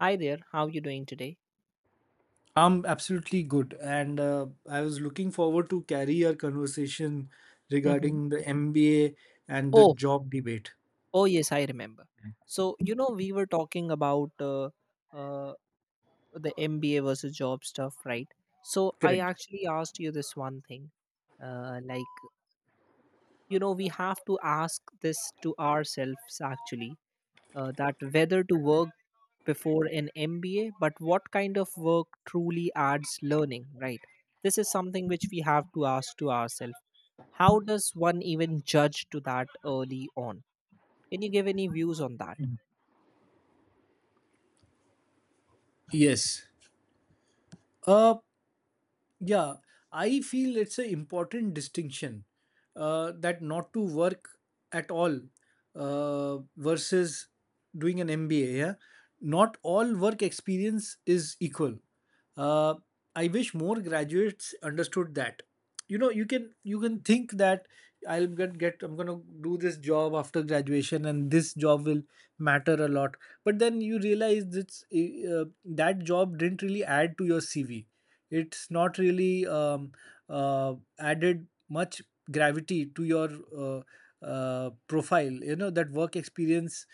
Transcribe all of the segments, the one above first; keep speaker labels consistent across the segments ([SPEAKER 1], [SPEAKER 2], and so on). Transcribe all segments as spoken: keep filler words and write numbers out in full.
[SPEAKER 1] Hi there, how are you doing today?
[SPEAKER 2] I'm absolutely good, and uh, I was looking forward to carry our conversation
[SPEAKER 1] hmm
[SPEAKER 2] regarding the M B A and the
[SPEAKER 1] Oh,
[SPEAKER 2] job debate.
[SPEAKER 1] oh yes, I remember. So, you know, we were talking about uh, uh, the M B A versus job stuff, right? So, I
[SPEAKER 2] Correct.
[SPEAKER 1] actually asked you this one thing. Uh, like, you know, we have to ask this to ourselves actually, uh, that whether to work before an M B A, but what kind of work truly adds learning, right? This is something which we have to ask to ourselves. How does one even judge to that early on? Can you give any views on that?
[SPEAKER 2] Yes. Uh, yeah, I feel it's an important distinction uh, that not to work at all uh, versus doing an M B A. Yeah, not all work experience is equal. uh, I wish more graduates understood that. You know, you can you can think that I'll get get I'm going to do this job after graduation and this job will matter a lot, but then you realize that uh, that job didn't really add to your CV. It's not really um, uh, added much gravity to your uh, uh, profile. You know, that work experience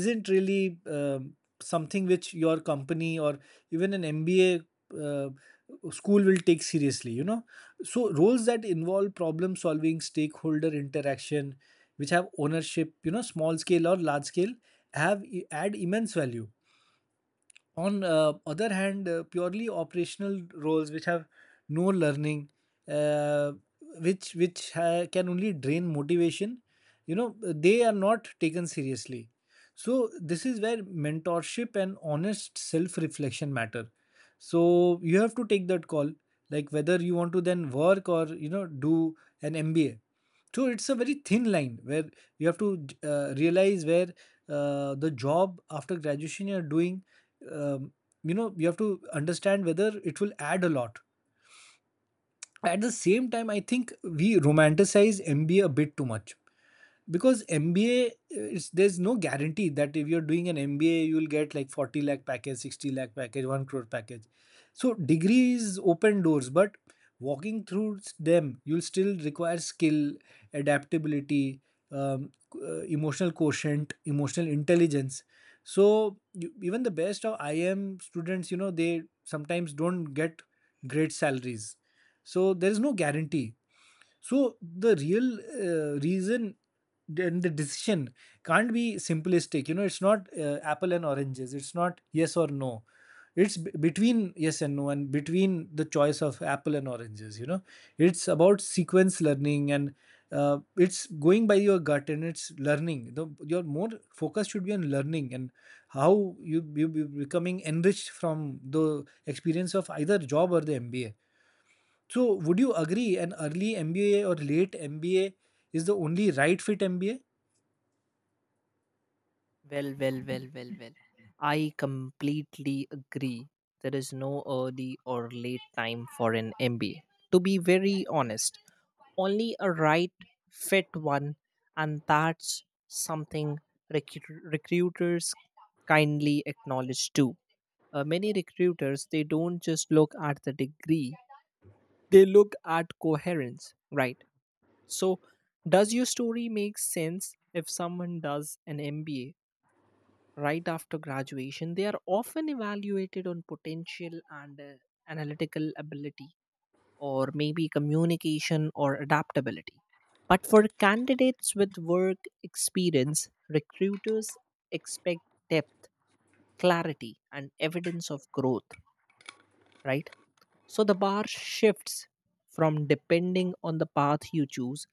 [SPEAKER 2] isn't really um, something which your company or even an M B A uh, school will take seriously, you know. So, roles that involve problem solving, stakeholder interaction, which have ownership, you know, small scale or large scale, have e, add immense value. On uh, other hand, uh, purely operational roles which have no learning, uh, which which ha- can only drain motivation, you know, they are not taken seriously. So this is where mentorship and honest self reflection matter. So you have to take that call, like whether you want to then work or, you know, do an M B A. True, it's a very thin line where you have to uh, realize where uh, the job after graduation you're doing, um, you know, you have to understand whether it will add a lot. At the same time, I think we romanticize MBA a a bit too much, because M B A, it's, there's no guarantee that if you're doing an M B A, you'll get like forty lakh package, sixty lakh package, one crore package. So degrees open doors, but walking through them, you'll still require skill, adaptability, um, uh, emotional quotient, emotional intelligence. So you, even the best of I M students, you know, they sometimes don't get great salaries. So there is no guarantee, so the real uh, reason and the decision can't be simplistic. You know, it's not uh, apple and oranges. It's not yes or no. It's b- between yes and no, and between the choice of apple and oranges. You know, it's about sequence learning and, uh, it's going by your gut and it's learning. The, your more focus should be on learning and how you you be becoming enriched from the experience of either job or the M B A. So, would you agree an early M B A or late M B A is the only right fit M B A?
[SPEAKER 1] Well, well, well, well, well. I completely agree. There is no early or late time for an M B A. To be very honest, only a right fit one, and that's something recru- recruiters kindly acknowledge too. Uh, many recruiters they don't just look at the degree; they look at coherence, right? So, does your story make sense? If someone does an M B A right after graduation, they are often evaluated on potential and, uh, analytical ability, or maybe communication or adaptability. But for candidates with work experience, recruiters expect depth, clarity, and evidence of growth, right? So the bar shifts from depending on the path you choose,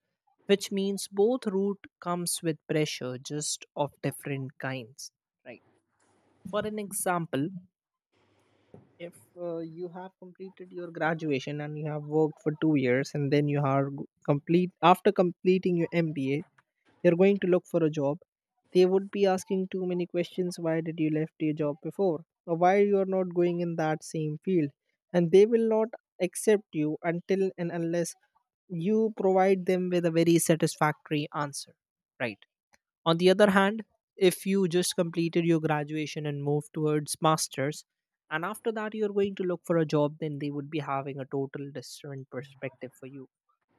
[SPEAKER 1] which means both route comes with pressure just of different kinds, right? For an example, if uh, you have completed your graduation and you have worked for two years and then you are g- complete after completing your mba, you're going to look for a job. They would be asking too many questions: why did you left your job before, or why you are not going in that same field? And they will not accept you until and unless you provide them with a very satisfactory answer, right? On the other hand, if you just completed your graduation and moved towards masters, and after that you're going to look for a job, then they would be having a total different perspective for you.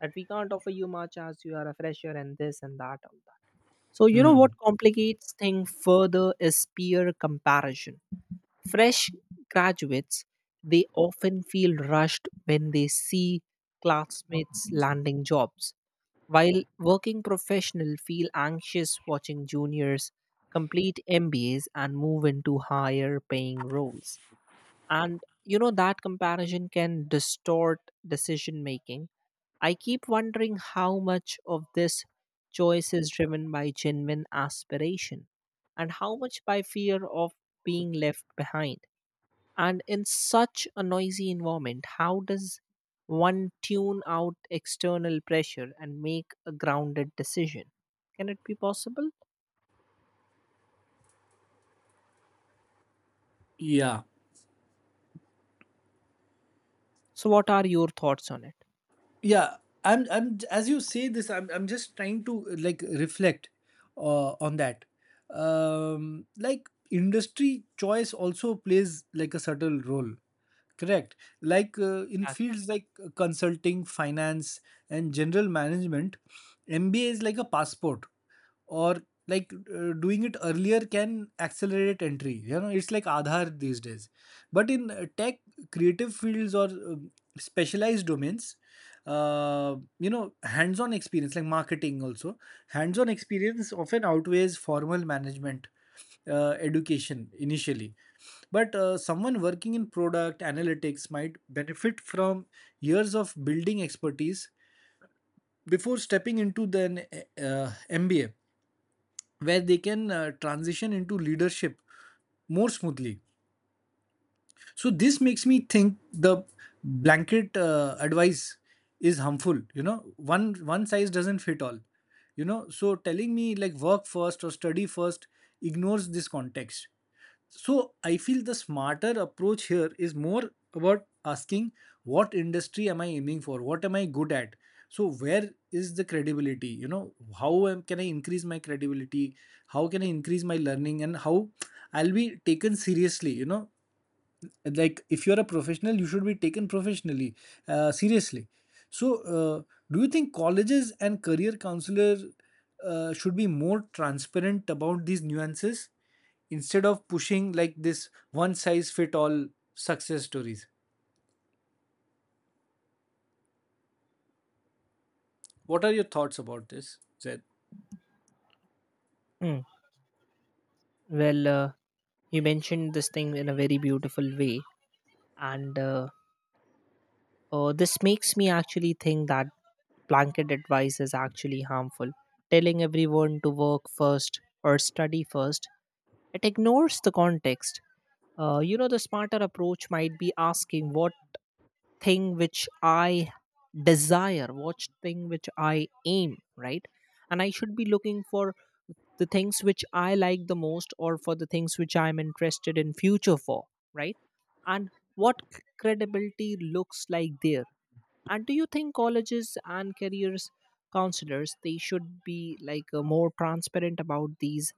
[SPEAKER 1] That we can't offer you much as you are a fresher and this and that all that. So you know what
[SPEAKER 2] Hmm.
[SPEAKER 1] complicates thing further is peer comparison. Fresh graduates, they often feel rushed when they see classmates landing jobs, while working professionals feel anxious watching juniors complete M B As and move into higher paying roles. And you know that comparison can distort decision making. I keep wondering how much of this choice is driven by genuine aspiration and how much by fear of being left behind. And in such a noisy environment, how does one tune out external pressure and make a grounded decision? Can it be possible?
[SPEAKER 2] Yeah.
[SPEAKER 1] So, what are your thoughts on it?
[SPEAKER 2] Yeah, I'm. I'm as you say this, I'm. I'm just trying to uh, like reflect uh, on that. Um, like industry choice also plays like a subtle role. Correct. Like uh, in
[SPEAKER 1] Exactly.
[SPEAKER 2] fields like uh, consulting, finance, and general management, M B A is like a passport, or like, uh, doing it earlier can accelerate entry. You know, it's like aadhaar these days. But in uh, tech, creative fields or um, specialized domains, uh, you know, hands on experience, like marketing also, hands on experience often outweighs formal management uh, education initially. But uh, someone working in product analytics might benefit from years of building expertise before stepping into the uh, M B A, where they can uh, transition into leadership more smoothly. So this makes me think the blanket uh, advice is harmful. You know, one one size doesn't fit all. You know, so telling me like work first or study first ignores this context. So I feel the smarter approach here is more about asking, what industry am I aiming for? What am I good at? So where is the credibility? You know, how am, can I increase my credibility? How can I increase my learning? And how I'll be taken seriously? You know, like if you're a professional you should be taken professionally, uh, seriously. So uh, do you think colleges and career counselor uh, should be more transparent about these nuances instead of pushing like this one size fit all success stories? What are your thoughts about this, zed?
[SPEAKER 1] Mm. Well, uh, you mentioned this thing in a very beautiful way, and uh, uh, this makes me actually think that blanket advice is actually harmful. Telling everyone to work first or study first, it ignores the context. Uh, you know, the smarter approach might be asking what thing which I desire, watch thing which I aim, right? And I should be looking for the things which I like the most or for the things which I'm interested in future for, right? And what c- credibility looks like there, and do you think colleges and careers counselors they should be like, uh, more transparent about these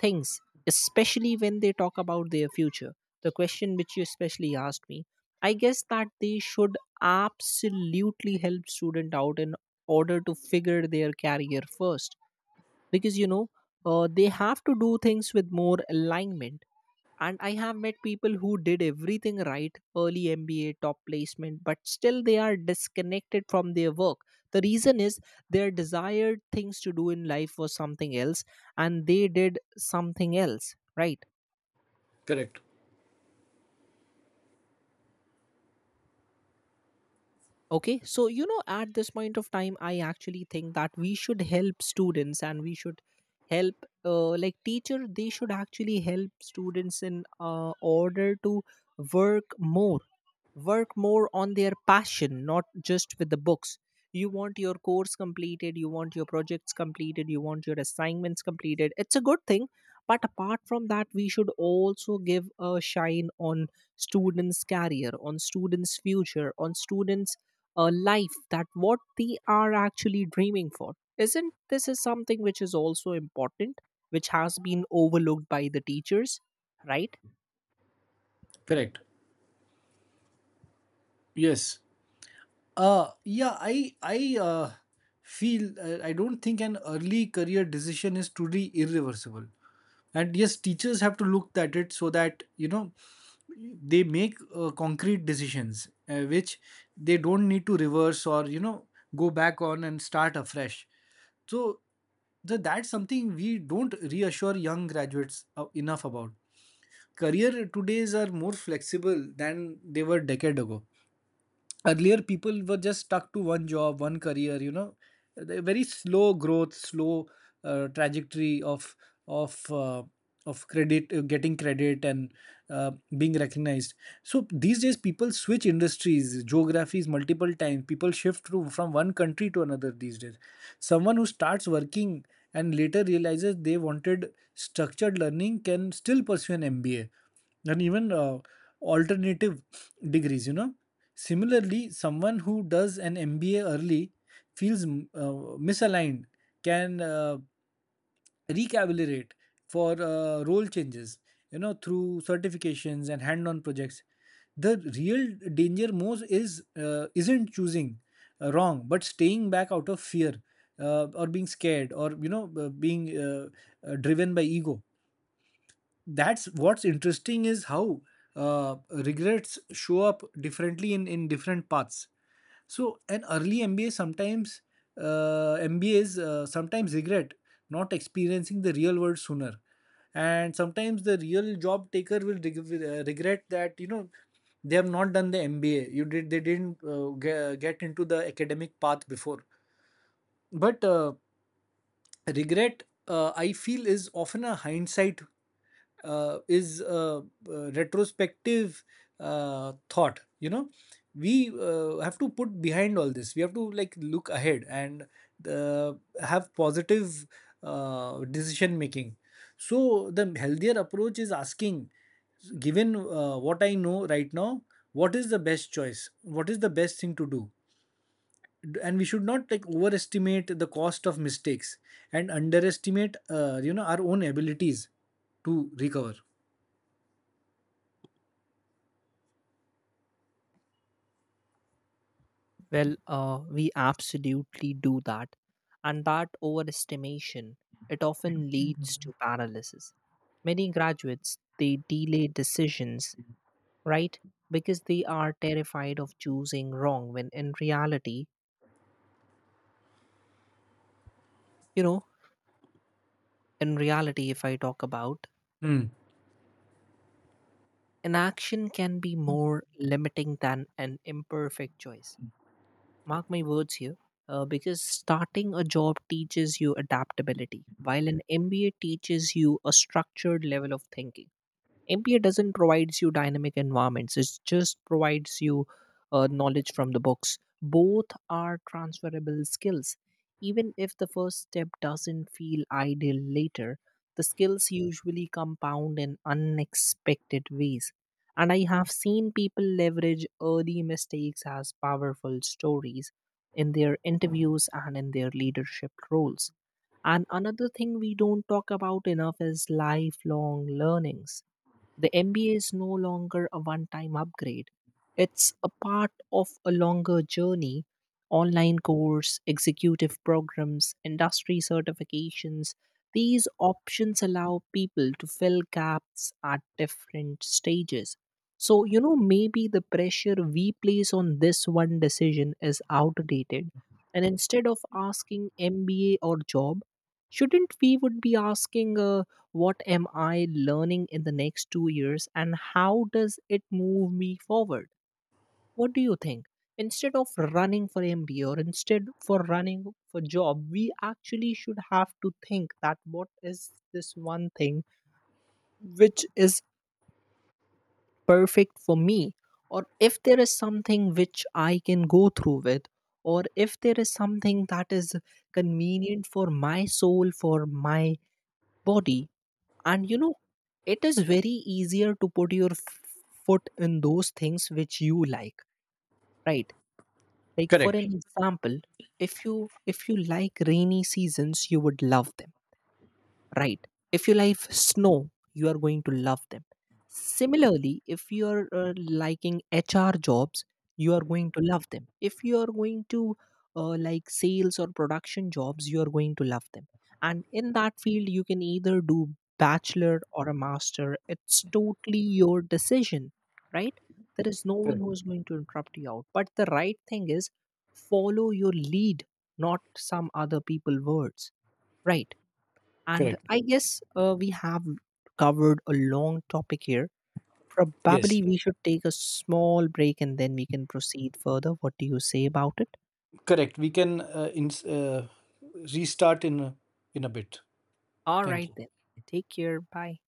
[SPEAKER 1] things, especially when they talk about their future? The question which you especially asked me, I guess that they should absolutely help student out in order to figure their career first, because you know, uh, they have to do things with more alignment. And I have met people who did everything right, early M B A, top placement, but still they are disconnected from their work. The reason is their desired things to do in life was something else, and they did something else, right?
[SPEAKER 2] Correct.
[SPEAKER 1] Okay, so you know at this point of time I actually think that we should help students, and we should help, uh, like teacher, they should actually help students in, uh, order to work more, work more on their passion, not just with the books. You want your course completed, you want your projects completed, you want your assignments completed, it's a good thing. But apart from that, we should also give a shine on students career, on students future, on students, uh, life, that what they are actually dreaming for. Isn't this is something which is also important, which has been overlooked by the teachers, right?
[SPEAKER 2] Correct. Yes. Uh, yeah, I I uh, feel, uh, I don't think an early career decision is truly irreversible. And yes, teachers have to look at it so that, you know, they make uh, concrete decisions uh, which they don't need to reverse or, you know, go back on and start afresh. So the that's something we don't reassure young graduates uh, enough about. Career todays are more flexible than they were decade ago. Earlier people were just stuck to one job, one career, you know. The very slow growth, slow uh, trajectory of of uh, of credit, uh, getting credit and uh, being recognized. So these days people switch industries, geographies multiple times, people shift to, from one country to another these days. Someone who starts working and later realizes they wanted structured learning can still pursue an M B A, and even uh, alternative degrees, you know. Similarly, someone who does an M B A early feels mm, uh, misaligned, can uh, recalibrate for uh, role changes, you know, through certifications and hand-on projects. The real danger most is, uh, isn't choosing uh, wrong, but staying back out of fear, uh, or being scared, or, you know, uh, being uh, uh, driven by ego. That's what's interesting is how uh, regrets show up differently in, in different paths. So an early MBA sometimes, uh, M B As uh, sometimes regret not experiencing the real world sooner. And sometimes the real job taker will reg- will, uh, regret that, you know, they have not done the M B A you did, they didn't uh, ge- get into the academic path before. But uh, regret, uh, I feel is often a hindsight, uh, is uh, uh, retrospective uh, thought. You know, we uh, have to put behind all this, we have to like look ahead and uh, have positive uh, decision making. So the healthier approach is asking, given uh, what I know right now, what is the best choice, what is the best thing to do. And we should not like overestimate the cost of mistakes and underestimate, uh, you know, our own abilities to recover.
[SPEAKER 1] Well, uh, we absolutely do that. And that overestimation, it often leads to paralysis. Many graduates, they delay decisions, right? Because they are terrified of choosing wrong when in reality, you know, in reality, if I talk about
[SPEAKER 2] Mm,
[SPEAKER 1] an action can be more limiting than an imperfect choice. Mark my words here, uh, because starting a job teaches you adaptability, while an M B A teaches you a structured level of thinking. M B A doesn't provides you dynamic environments. It just provides you uh, knowledge from the books. Both are transferable skills. Even if the first step doesn't feel ideal later, the skills usually compound in unexpected ways. And I have seen people leverage early mistakes as powerful stories in their interviews and in their leadership roles. And another thing we don't talk about enough is lifelong learnings. The M B A is no longer a one time upgrade, it's a part of a longer journey: online course, executive programs, industry certifications. These options allow people to fill gaps at different stages. So, you know, maybe the pressure we place on this one decision is outdated. And instead of asking M B A or job, shouldn't we would be asking, uh, what am I learning in the next two years and how does it move me forward? What do you think? Instead of running for M B A or instead for running for job, we actually should have to think that what is this one thing which is perfect for me? Or if there is something which I can go through with, or if there is something that is convenient for my soul, for my body, and you know it is very easier to put your f- foot in those things which you like, right? Like for
[SPEAKER 2] correct,
[SPEAKER 1] an example, if you if you like rainy seasons, you would love them, right? If you like snow, you are going to love them. Similarly, if you are uh, liking H R jobs, you are going to love them. If you are going to, uh, like sales or production jobs, you are going to love them. And in that field, you can either do bachelor or a master. It's totally your decision, right? There is no one
[SPEAKER 2] correct,
[SPEAKER 1] who is going to interrupt you out. But the right thing is follow your lead, not some other people words, right? And
[SPEAKER 2] correct.
[SPEAKER 1] I guess uh, we have covered a long topic here.
[SPEAKER 2] Yes,
[SPEAKER 1] Probably we should take a small break and then we can proceed further. What do you say about it?
[SPEAKER 2] correct. We can uh, ins uh, restart in a, in a bit.
[SPEAKER 1] All
[SPEAKER 2] Thank
[SPEAKER 1] right,
[SPEAKER 2] you.
[SPEAKER 1] then. Take care. Bye.